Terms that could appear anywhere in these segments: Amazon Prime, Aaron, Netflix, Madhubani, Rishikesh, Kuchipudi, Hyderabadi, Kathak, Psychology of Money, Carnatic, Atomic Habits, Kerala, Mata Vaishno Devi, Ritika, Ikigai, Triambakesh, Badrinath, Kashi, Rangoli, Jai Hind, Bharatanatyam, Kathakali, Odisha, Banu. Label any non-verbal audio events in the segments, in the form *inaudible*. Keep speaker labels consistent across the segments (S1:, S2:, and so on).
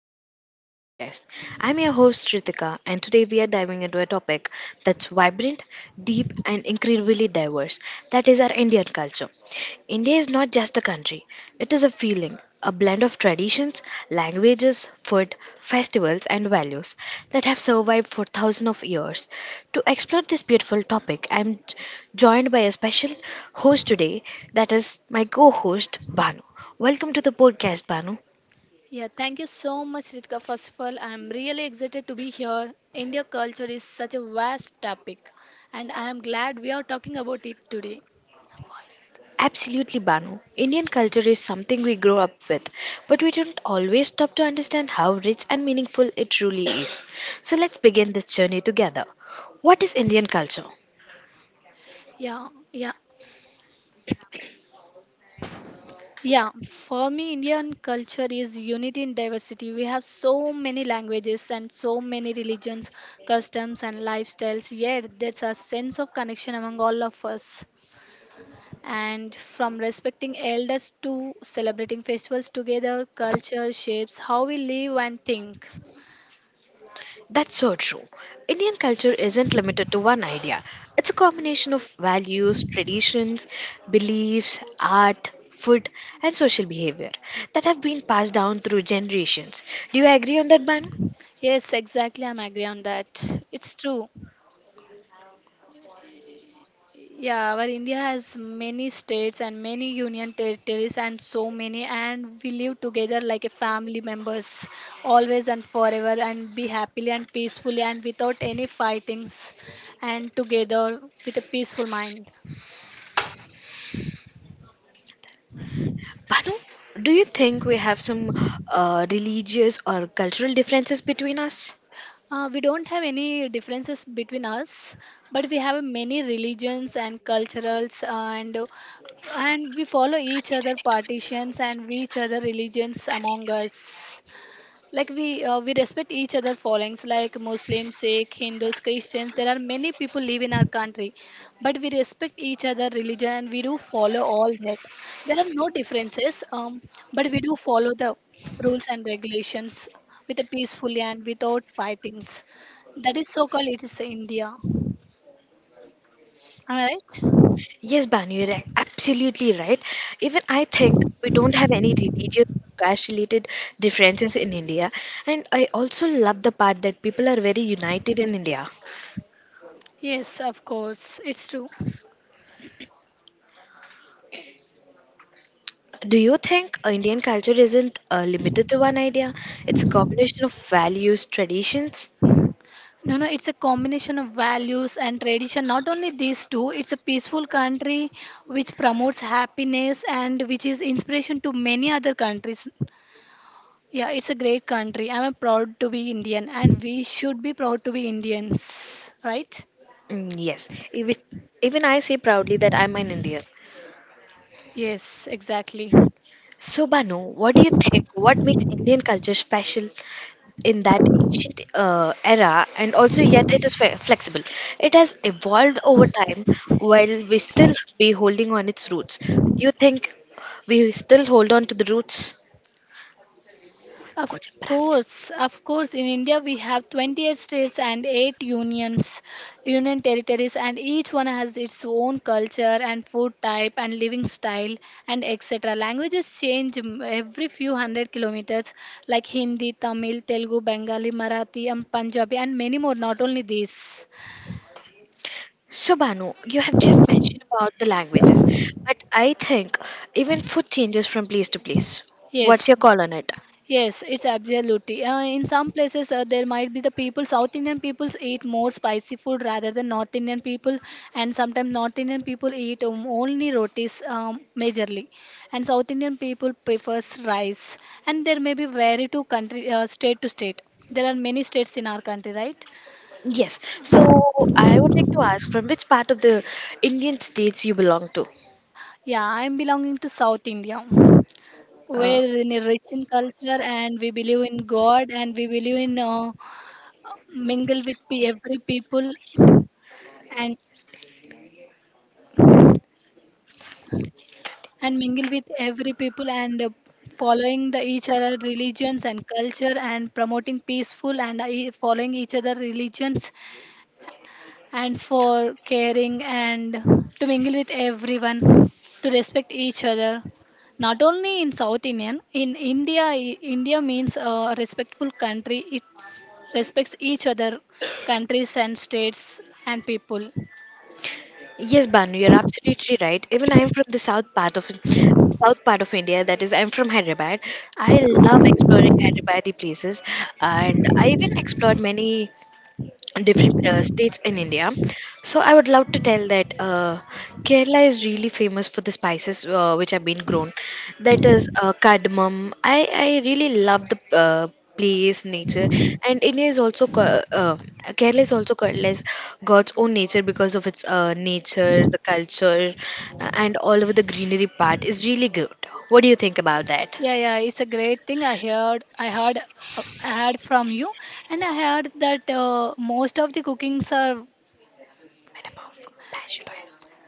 S1: welcome back to our podcast. I'm your host, Ritika, and today we are diving into a topic that's vibrant, deep, and incredibly diverse, that is, our Indian culture. India is not just a country, it is a feeling, a blend of traditions, languages, food, festivals, and values that have survived for thousands of years. To explore this beautiful topic, joined by a special host today, that is, my co host, Banu. Welcome to the podcast, Banu.
S2: Yeah, thank you so much, Ritika. First of all, I'm really excited to be here. India culture is such a vast topic, and I am glad we are talking about it today.
S1: Absolutely, Banu. Indian culture is something we grow up with, but we don't always stop to understand how rich and meaningful it truly is. So let's begin this journey together. What is Indian culture?
S2: Yeah, yeah. Yeah, for me, Indian culture is unity in diversity. We have so many languages and so many religions, customs, and lifestyles, yet there's a sense of connection among all of us. And from respecting elders to celebrating festivals together, culture shapes how we live and think.
S1: That's so true. Indian culture isn't limited to one idea, it's a combination of values, traditions, beliefs, art, food, and social behavior that have been passed down through generations. Do you agree on that, Banu?
S2: Yes, exactly. I'm agree on that. It's true. Yeah, our India has many states and many union territories and so many, and we live together like a family members, always and forever, and be happily and peacefully and without any fightings, and together with a peaceful mind.
S1: Banu, do you think we have some religious or cultural differences between us?
S2: We don't have any differences between us, but we have many religions and culturals, and we follow each other partitions and each other religions among us like we respect each other fallings like muslims, sikh, hindus, christians. There are many people live in our country, but we respect each other religion and we do follow all that. There are no differences, but we do follow the rules and regulations with a peacefully and without fightings. That is so called, it is India. Am I right?
S1: Yes, Banu, absolutely right. Even I think we don't have any religious, caste related differences in India. And I also love the part that people are very united in India.
S2: Yes, of course, it's true.
S1: Do you think Indian culture isn't limited to one idea? It's a combination of values, traditions?
S2: No, no, it's a combination of values and tradition. Not only these two, it's a peaceful country which promotes happiness and which is inspiration to many other countries. Yeah, it's a great country. I'm proud to be Indian and we should be proud to be Indians, right?
S1: Mm, yes. Even I say proudly that I'm an Indian.
S2: Yes, exactly.
S1: So, Banu, what do you think? What makes Indian culture special in that ancient era, and also yet it is flexible? It has evolved over time while we still be holding on its roots. Do you think we still hold on to the roots? Gotcha, bravo.
S2: Of course, in India we have 28 states and 8 unions, union territories, and each one has its own culture and food type and living style and etc. Languages change every few hundred kilometers, like Hindi, Tamil, Telugu, Bengali, Marathi, and Punjabi, and many more, not only these.
S1: So, Banu, you have just mentioned about the languages, but I think even food changes from place to place. What's
S2: Yes.
S1: your call on it?
S2: Yes, it's absolutely. In some places, there might be the people, South Indian peoples eat more spicy food rather than North Indian people, and sometimes North Indian people eat only rotis majorly, and South Indian people prefers rice. And there may be vary to country, state to state. There are many states in our country, right?
S1: Yes. So I would like to ask from which part of the Indian states you belong to?
S2: Yeah, I'm belonging to South India.
S1: Uh,
S2: We're in a rich in culture, and we believe in God, and we believe in mingle with every people, and and mingle with every people and following the each other religions and culture and promoting peaceful and following each other religions and for caring and to mingle with everyone, to respect each other. Not only in south indian, in India, India means a respectful country. It respects each other countries and states and people.
S1: yes, Banu, you're absolutely right. Even I'm from the south part of India. That is, I'm from Hyderabad. I love exploring Hyderabadi places, and I even explored many different states in India. So I would love to tell that Kerala is really famous for the spices which have been grown. That is cardamom. I really love the place, nature, and India is also ca- Kerala is also called as God's own nature because of its nature, the culture, and all over the greenery part is really good. What do you think about that?
S2: Yeah, yeah, it's a great thing. I heard from you, and I heard that most of the cookings are,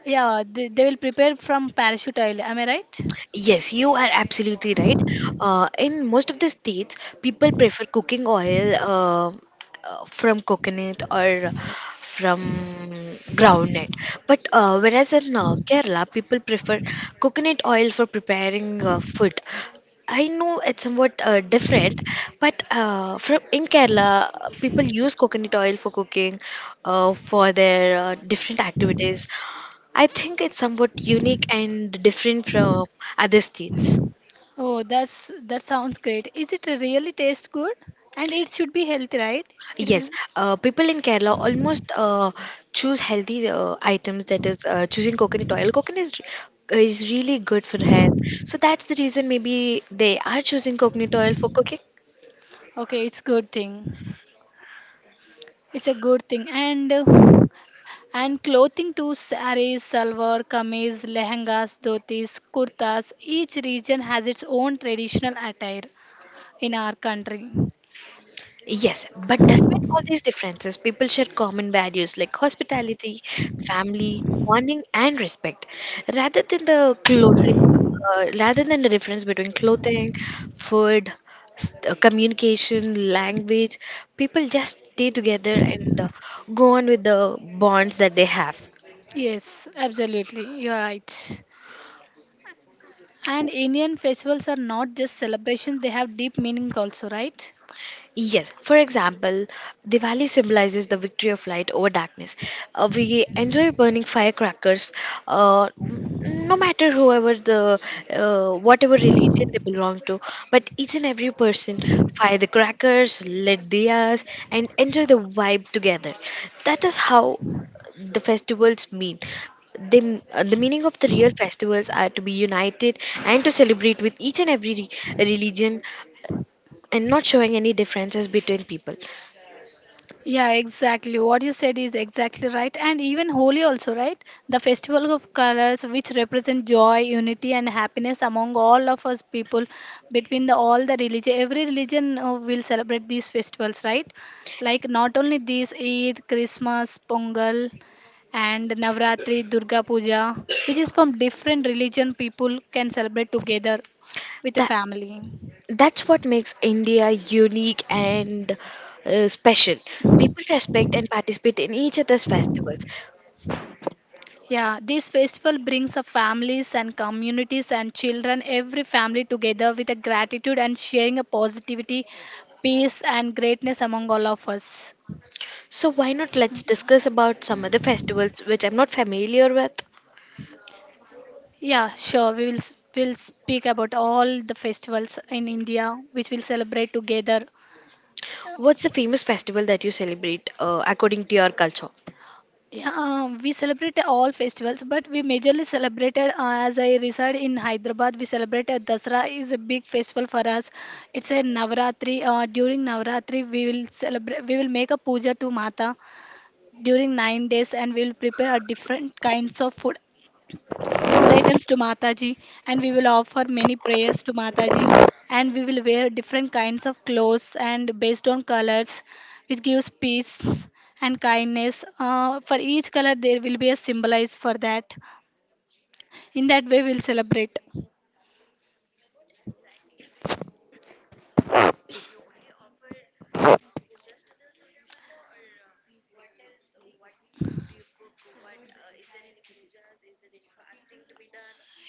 S2: yeah, they will prepare from parachute oil. Am I right?
S1: Yes, you are absolutely right. In most of the states, people prefer cooking oil from coconut or from groundnut. But whereas in Kerala, people prefer coconut oil for preparing food. I know it's somewhat different, but from in Kerala, people use coconut oil for cooking, for their different activities. I think it's somewhat unique and different from other states.
S2: Oh, that's that sounds great. Is it really taste good? And it should be healthy, right? It will.
S1: Yes, people in Kerala almost choose healthy items. That is, choosing coconut oil. Coconut is really good for health. So that's the reason maybe they are choosing coconut oil for cooking.
S2: Okay, it's good thing. It's a good thing, and and clothing too. Saris, salwar, kameez, lehengas, dhotis, kurtas. Each region has its own traditional attire in our country.
S1: Yes, but despite all these differences, people share common values like hospitality, family, bonding, and respect, rather than the clothing, rather than the difference between clothing, food, communication, language. People just stay together and go on with the bonds that they have.
S2: Yes, absolutely. You're right. And Indian festivals are not just celebrations, they have deep meanings also, right?
S1: Yes, for example, Diwali symbolizes the victory of light over darkness. We enjoy burning firecrackers, no matter whoever the whatever religion they belong to. But each and every person fire the crackers, lit diyas, and enjoy the vibe together. That is how the festivals mean. The meaning of the real festivals are to be united and to celebrate with each and every religion, and not showing any differences between people.
S2: Yeah, exactly. What you said is exactly right. And even Holi also, right? The festival of colors which represent joy, unity and happiness among all of us people between the all the religion. Every religion will celebrate these festivals, right? Like not only these Eid, Christmas, Pongal and Navratri, Durga Puja, which is from different religion people can celebrate together with the
S1: That
S2: family.
S1: that's what makes India unique and special. People respect and participate in each other's festivals.
S2: Yeah, this festival brings up families and communities and children, every family together with a gratitude and sharing a positivity, peace and greatness among all of us.
S1: So why not let's discuss about some other festivals which I'm not familiar with.
S2: Yeah, sure. We'll speak about all the festivals in India which we'll celebrate together.
S1: What's the famous festival that you celebrate according to your culture?
S2: Yeah, we celebrate all festivals, but we majorly celebrated as I reside in Hyderabad. We celebrated Dasra is a big festival for us. It's a Navaratri. During Navaratri, we will celebrate. We will make a puja to Mata during 9 days, and we will prepare a different kinds of food items to Mataji, and we will offer many prayers to Mataji, and we will wear different kinds of clothes and based on colors, which gives peace and kindness. For each color, there will be a symbolize for that. In that way, we'll celebrate.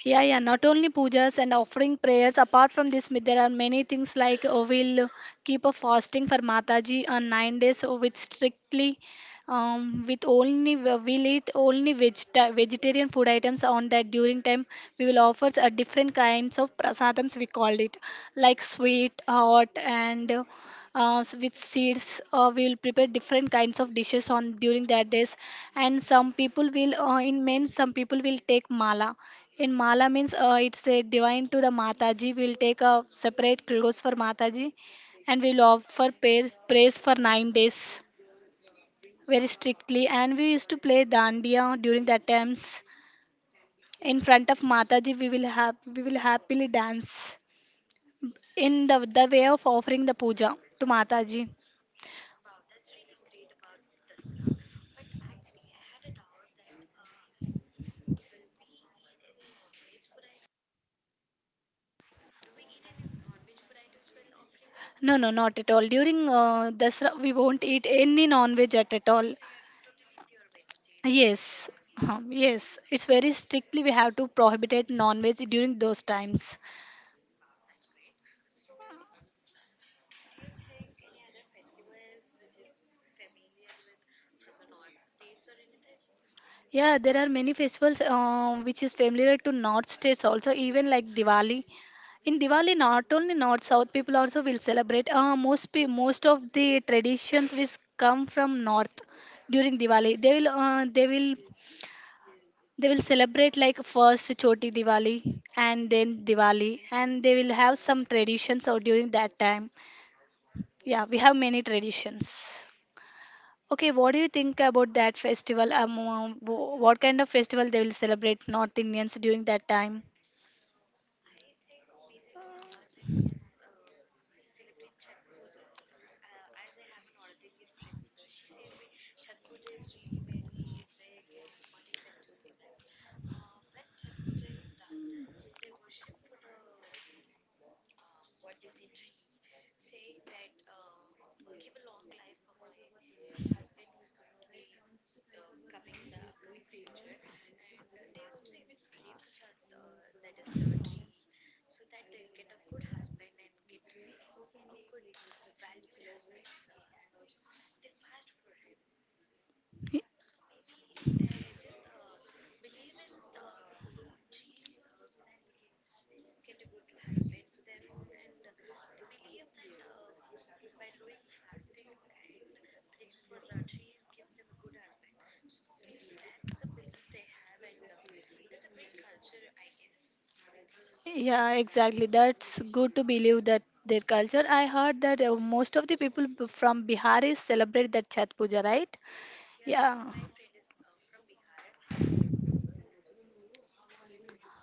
S2: Yeah, yeah, not only pujas and offering prayers. Apart from this, there are many things like we'll keep a fasting for Mataji on 9 days with strictly, with only, we'll eat only vegetarian food items on that during time. We will offer different kinds of prasadams, we called it, like sweet, hot, and with seeds. We will prepare different kinds of dishes on during that days. And some people will, in men, some people will take mala. In Mala means it's a divine to the Mataji. We'll take a separate clothes for Mataji and we'll offer pay, praise for 9 days very strictly. And we used to play dandiya during the attempts. In front of Mataji, we will have we will happily dance in the way of offering the puja to Mataji. No, no, not at all. During Dasra, we won't eat any non-veg at all. Yes, yes, it's very strictly we have to prohibit non-veg during those times. Yeah, there are many festivals which is familiar to North states also, even like Diwali. In Diwali, not only North, South people also will celebrate. Most of the traditions which come from North during Diwali, they will celebrate like first Choti Diwali and then Diwali, and they will have some traditions or during that time. Yeah, we have many traditions. Okay, what do you think about that festival? What kind of festival they will celebrate North Indians during that time? Y- Yeah, exactly. That's good to believe that their culture. I heard that most of the people from Bihar is celebrate that Chhat Puja, right? Yeah.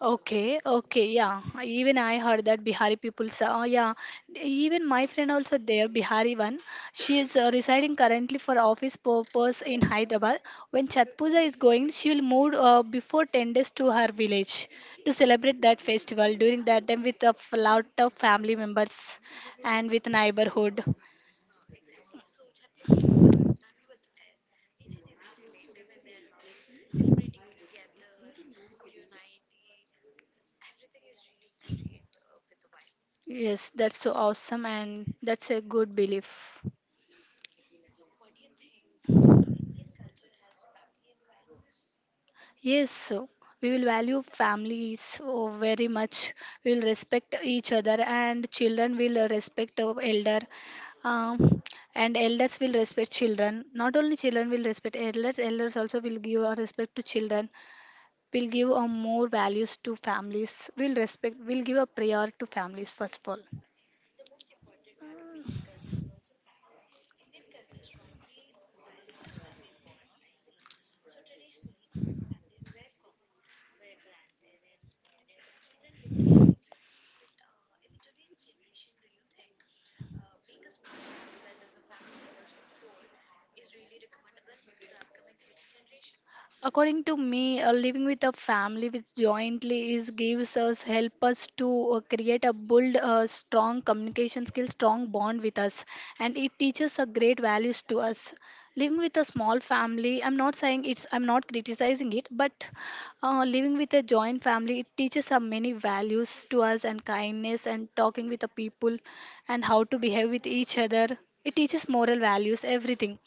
S2: Okay, okay, yeah. Even I heard that Bihari people, yeah. Even my friend also there, Bihari one. She is residing currently for office purpose in Hyderabad. When Chhat Puja is going, she will move before 10 days to her village to celebrate that festival. During that time, with a lot of family members and with neighborhood. Yes, that's so awesome, and that's a good belief. Yes, so we will value families oh, very much. We will respect each other, and children will respect our elder, um, and elders will respect children. Not only children will respect elders, elders also will give a respect to children. We'll give a more values to families. We'll respect. We'll give a prior to families first of all. According to me, living with a family which jointly is gives us help us to create a build strong communication skills, strong bond with us, and it teaches a great values to us. Living with a small family, I'm not criticizing it, but living with a joint family, it teaches us many values to us and kindness and talking with the people and how to behave with each other. It teaches moral values, everything.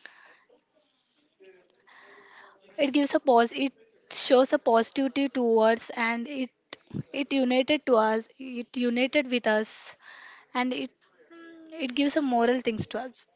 S2: It gives a pause. It shows a positivity towards, and it united to us. It united with us, and it gives a moral things to us.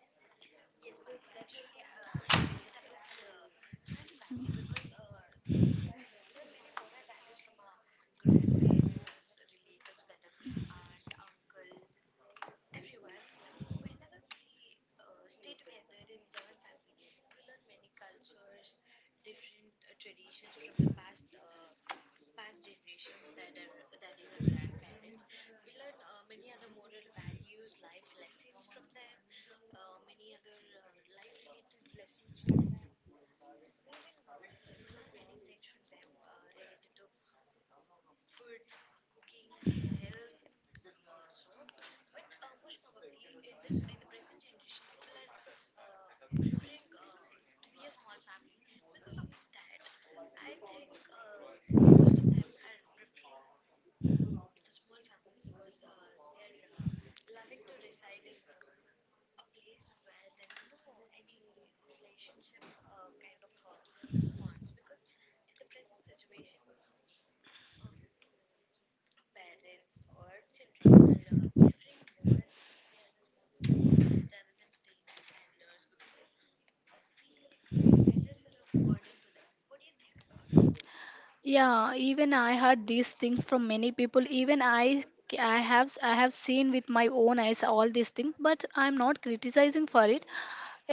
S2: Yeah, even I heard these things from many people. Even I have seen with my own eyes all these things, but I'm not criticizing for it.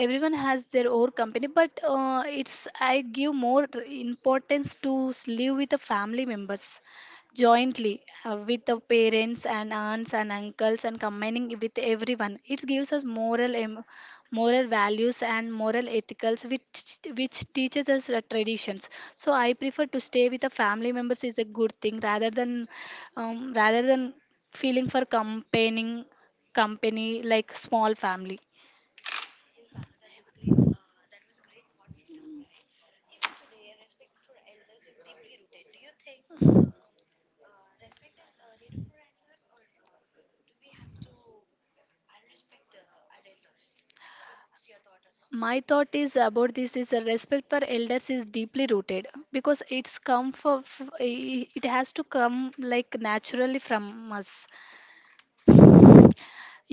S2: Everyone has their own company, but it's I give more importance to live with the family members jointly, with the parents and aunts and uncles, and combining with everyone it gives us moral moral values and moral ethicals, which teaches us the traditions. So I prefer to stay with the family members is a good thing rather than rather than feeling for companing company like small family. My thought is about this is a respect for elders is deeply rooted, because it's come for it has to come like naturally from us.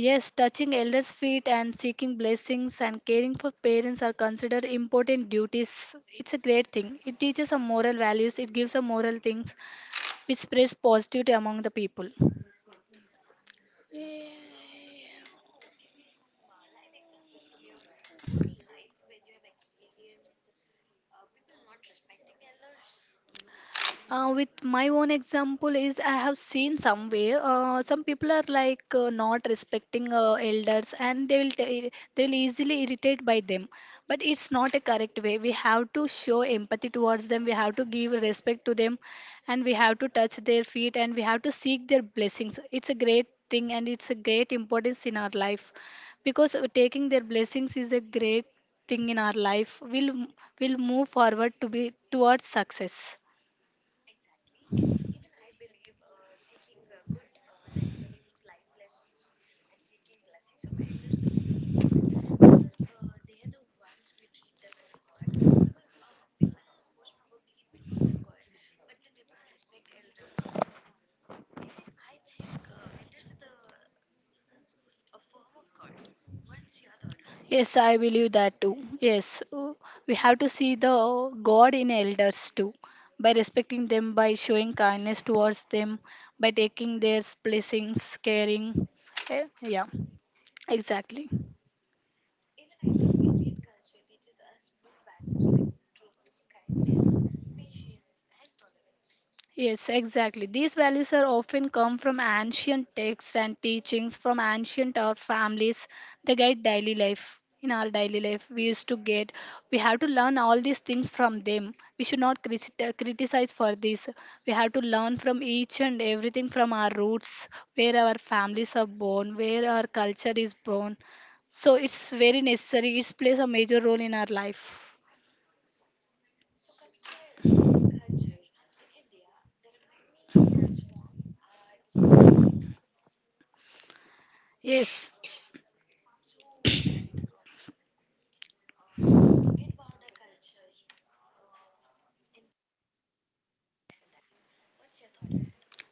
S2: Yes, touching elders feet and seeking blessings and caring for parents are considered important duties. It's a great thing, it teaches a moral values, it gives a moral things which spreads positivity among the people. With my own example is I have seen somewhere, some people are like not respecting elders, and they will they will easily irritate by them. But it's not a correct way. We have to show empathy towards them, we have to give respect to them, and we have to touch their feet, and we have to seek their blessings. It's a great thing and it's a great importance in our life. Because taking their blessings is a great thing in our life, we will move forward to be towards success. Yes, I believe that too. Yes, we have to see the God in elders too, by respecting them, by showing kindness towards them, by taking their blessings, caring. Yeah, exactly. Yes, exactly. These values are often come from ancient texts and teachings from ancient our families. They guide daily life. In our daily life, we used to get, we have to learn all these things from them. We should not criticize for this. We have to learn from each and everything from our roots, where our families are born, where our culture is born. So it's very necessary. It plays a major role in our life. Yes.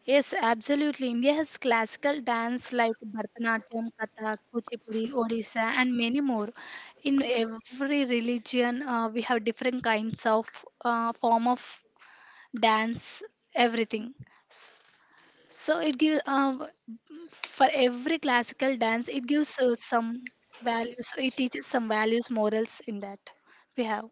S2: Yes, absolutely. India has classical dance like Bharatanatyam, Kathak, Kuchipudi, Odisha, and many more. In every religion, we have different kinds of form of dance, everything. S- So it gives, for every classical dance, it gives some values. It teaches some values, morals in that we have.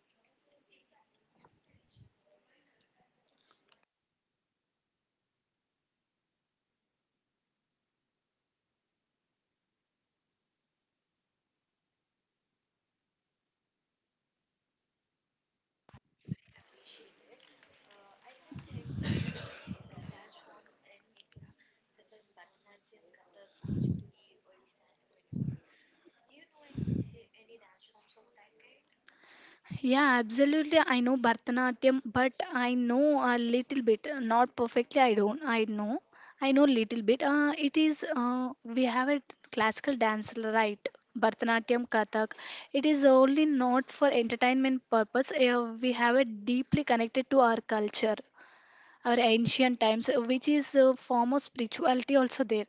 S2: Yeah, absolutely. I know Bharatanatyam, but I know a little bit. Not perfectly, I don't. I know. I know little bit. It is, we have a classical dance, right? Bharatanatyam, Kathak. It is only not for entertainment purpose. We have it deeply connected to our culture, our ancient times, which is a form of spirituality also there,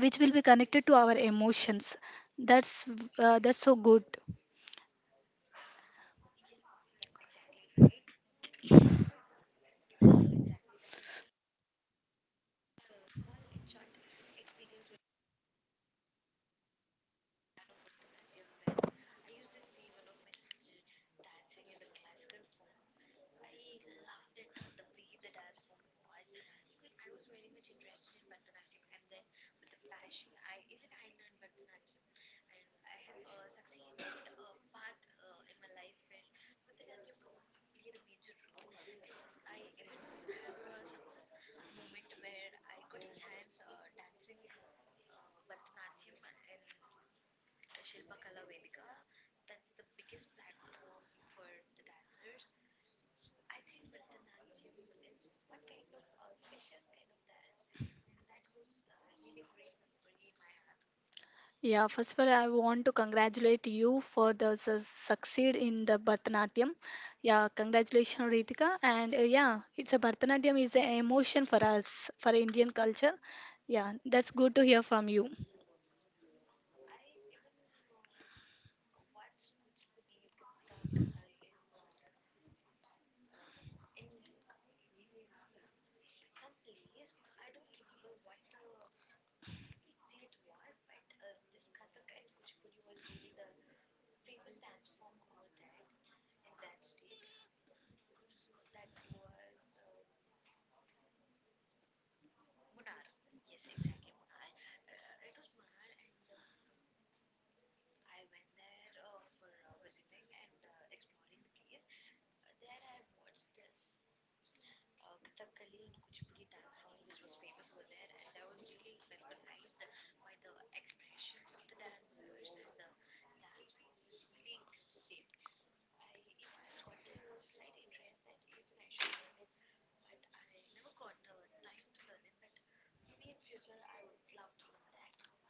S2: which will be connected to our emotions. That's that's so good. Yeah, first of all, I want to congratulate you for the succeed in the Bharatanatyam. Yeah, congratulations, Ritika. And yeah, it's a Bharatanatyam is an emotion for us for Indian culture. Yeah, that's good to hear from you.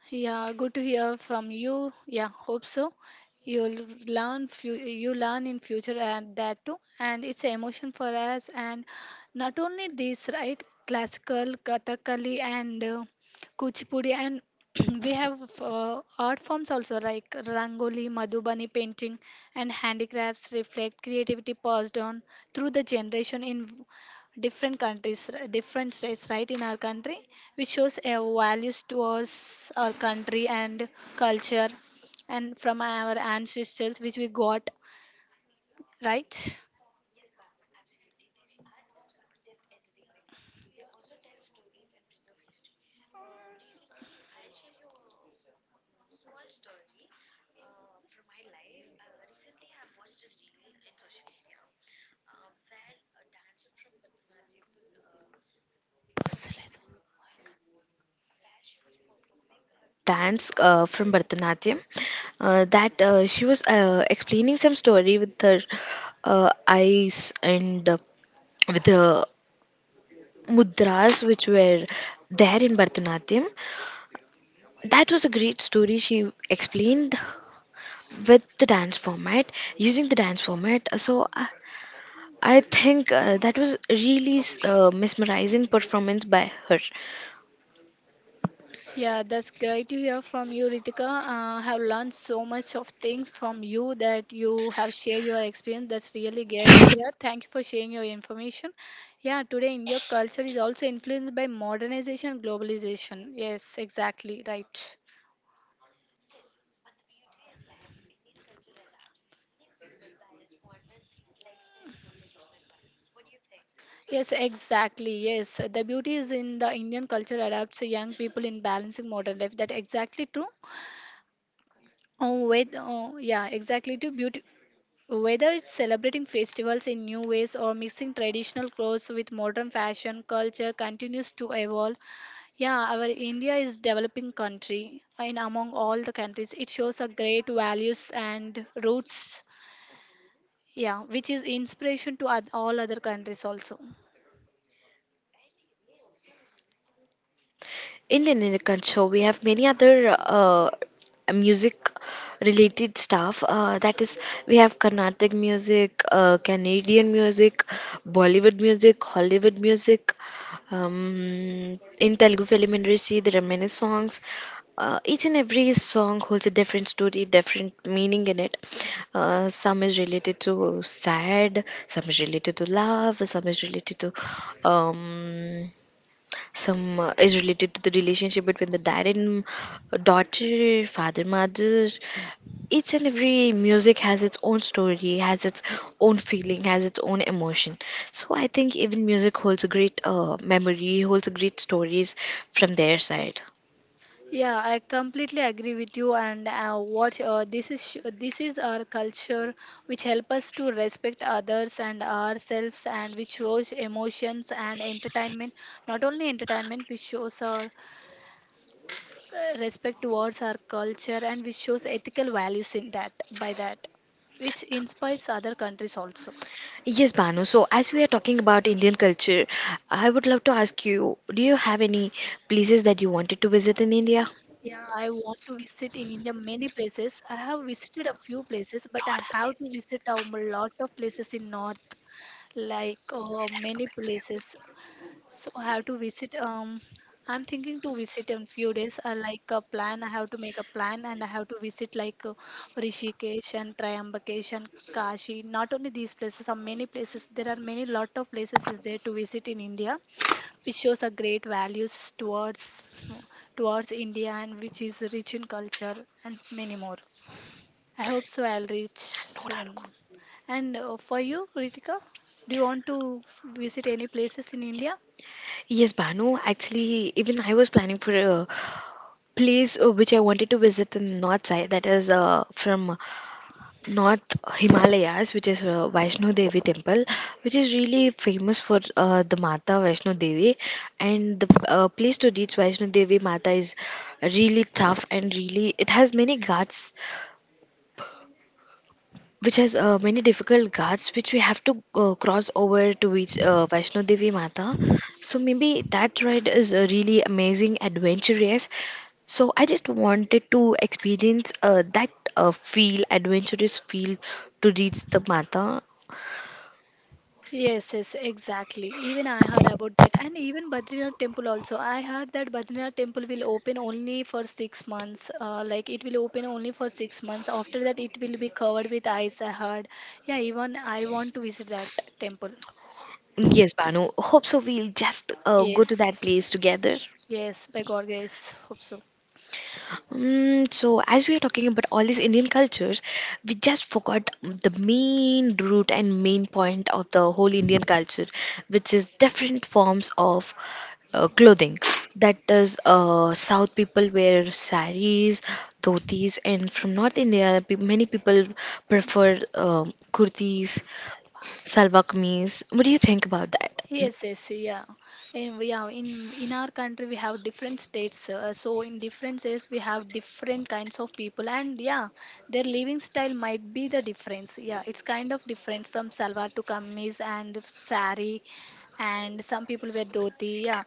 S2: Yeah, good to hear from you. Yeah, hope so. You'll learn few, you learn in future and that too. And it's emotion for us. And not only this, right? Classical, Kathakali, and Kuchipudi, and *clears throat* we have art forms also like Rangoli, Madhubani painting, and handicrafts reflect creativity passed on through the generation in different countries, different states, right, in our country, which shows our values towards our country and culture and from our ancestors, which we got, right?
S1: Dance from Bharatanatyam. That She was explaining some story with her eyes and with the mudras which were there in Bharatanatyam. That was a great story. She explained with the dance format, using the dance format. I think that was really mesmerizing performance by her.
S2: Yeah, that's great to hear from you, Ritika. I have learned so much of things from you that you have shared your experience. That's really great to hear. Thank you for sharing your information. Yeah, today Indian culture is also influenced by modernization and globalization. Yes, exactly, right. Yes, exactly. Yes, the beauty is in the Indian culture adapts young people in balancing modern life. That exactly true. Oh, with oh, yeah, exactly true. Beauty. Whether it's celebrating festivals in new ways or mixing traditional clothes with modern fashion, culture continues to evolve. Yeah, our India is developing country, and among all the countries, it shows a great values and roots. Yeah, which is inspiration to all other countries also.
S1: In Indian in culture, we have many other music related stuff. That is, we have Carnatic music, Canadian music, Bollywood music, Hollywood music. In Telugu film industry, there are many songs. Each and every song holds a different story, different meaning in it. Some is related to sad, some is related to love, some is related to um, some is related to the relationship between the dad and daughter, father, mother. Each and every music has its own story, has its own feeling, has its own emotion. So I think even music holds a great memory, holds a great stories from their side.
S2: Yeah, I completely agree with you. And what this is this is our culture, which help us to respect others and ourselves, and which shows emotions and entertainment. Not only entertainment, which shows our respect towards our culture, and which shows ethical values in that, by that, which inspires other countries also.
S1: Yes, Banu, so as we are talking about Indian culture, I would love to ask you, do you have any places that you wanted to visit in India?
S2: Yeah, I want to visit in India many places. I have visited a few places, but I have to visit a lot of places in North. Like many places. So I have to visit. I'm thinking to visit in few days. I like a plan. I have to make a plan, and I have to visit like Rishikesh and Triambakesh and Kashi. Not only these places, are many places. There are many lot of places is there to visit in India, which shows a great values towards India and which is rich in culture and many more. I hope so. I'll reach soon. And for you, Ritika, do you want to visit any places in India?
S1: Yes, Banu. Actually, even I was planning for a place which I wanted to visit in the north side, that is from North Himalayas, which is Vaishno Devi temple, which is really famous for the Mata Vaishno Devi, and the place to reach Vaishno Devi Mata is really tough, and really it has many ghats, which has many difficult ghats which we have to cross over to reach Vaishno Devi Mata. So maybe that ride is a really amazing, adventurous. So I just wanted to experience that feel, adventurous feel to reach the Mata.
S2: Yes, yes, exactly. Even I heard about that, and even Badrinath temple also. I heard that Badrinath temple will open only for 6 months. Like it will open only for 6 months. After that, it will be covered with ice. I heard. Yeah, even I want to visit that temple.
S1: Yes, Banu. Hope so. We'll just go to that
S2: Yes,
S1: place together.
S2: yes, by God grace, hope so.
S1: Mm, so, as we are talking about all these Indian cultures, we just forgot the main root and main point of the whole Indian culture, which is different forms of clothing. That is, South people wear saris, dhotis, and from North India, many people prefer kurtis, salwar kameez. What do you think about that?
S2: Yes, yes, yeah. In our country we have different states. So in different states we have different kinds of people, and yeah, their living style might be the difference. Yeah, it's kind of difference from salwar to kameez and sari, and some people wear dhoti. Yeah,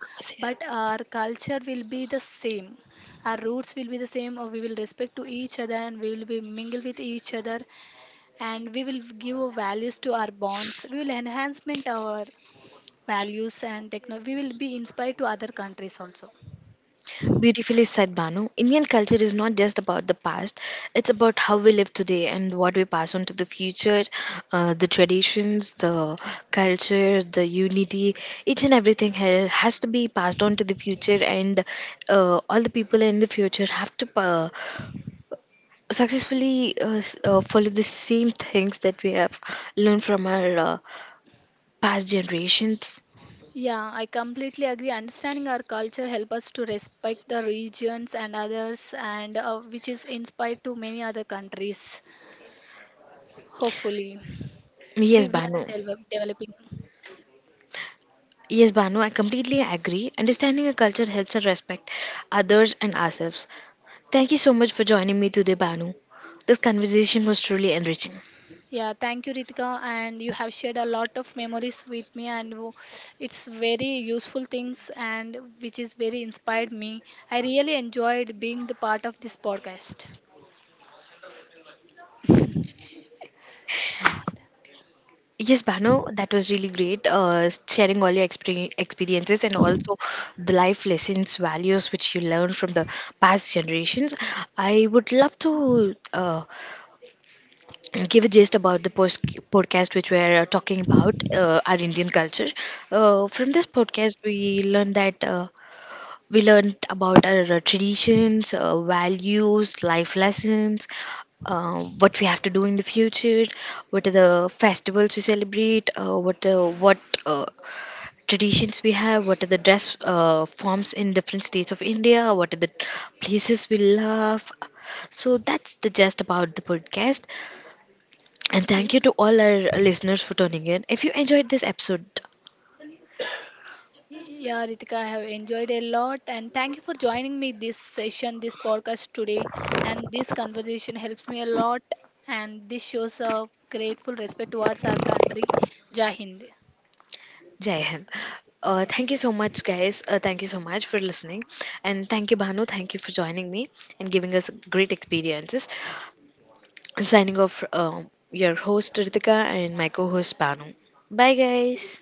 S2: but our culture will be the same. Our roots will be the same, or we will respect to each other, and we will be mingle with each other, and we will give values to our bonds. We will enhancement our values and technology, we will be inspired to other countries also.
S1: Beautifully said, Banu. Indian culture is not just about the past, it's about how we live today and what we pass on to the future, the traditions, the culture, the unity. Each and everything ha- has to be passed on to the future, and all the people in the future have to successfully follow the same things that we have learned from our past generations.
S2: Yeah, I completely agree. Understanding our culture help us to respect the regions and others, and which is inspired to many other countries, hopefully. we,
S1: Yes,
S2: we are
S1: Banu.
S2: developing.
S1: Yes, Banu, I completely agree. Understanding a culture helps us respect others and ourselves. Thank you so much for joining me today, Banu. This conversation was truly enriching.
S2: Yeah, thank you, Ritika, and you have shared a lot of memories with me, and it's very useful things and which is very inspired me. I really enjoyed being the part of this podcast.
S1: Yes, Banu, that was really great. Sharing all your experiences, and also the life lessons, values which you learned from the past generations. I would love to give a gist about the podcast which we're talking about, our Indian culture. From this podcast we learned about our traditions, values, life lessons, what we have to do in the future, what are the festivals we celebrate, what uh, traditions we have, what are the dress forms in different states of India, what are the places we love. So that's the gist about the podcast, and thank you
S2: Y-
S1: to all our listeners for tuning in. If you enjoyed this episode,
S2: Yeah, Ritika, I have enjoyed a lot, and thank you for joining me this session, this podcast today. And this conversation helps me a lot, and this shows a grateful respect towards our country. Jai Hind.
S1: Jai Hind. Thank
S2: Yes.
S1: you so much, guys. Thank you so much for listening. And thank you, Bhanu. Thank you for joining me and giving us great experiences. Signing off, your host, Ritika, and my co host, Bhanu. Bye, guys.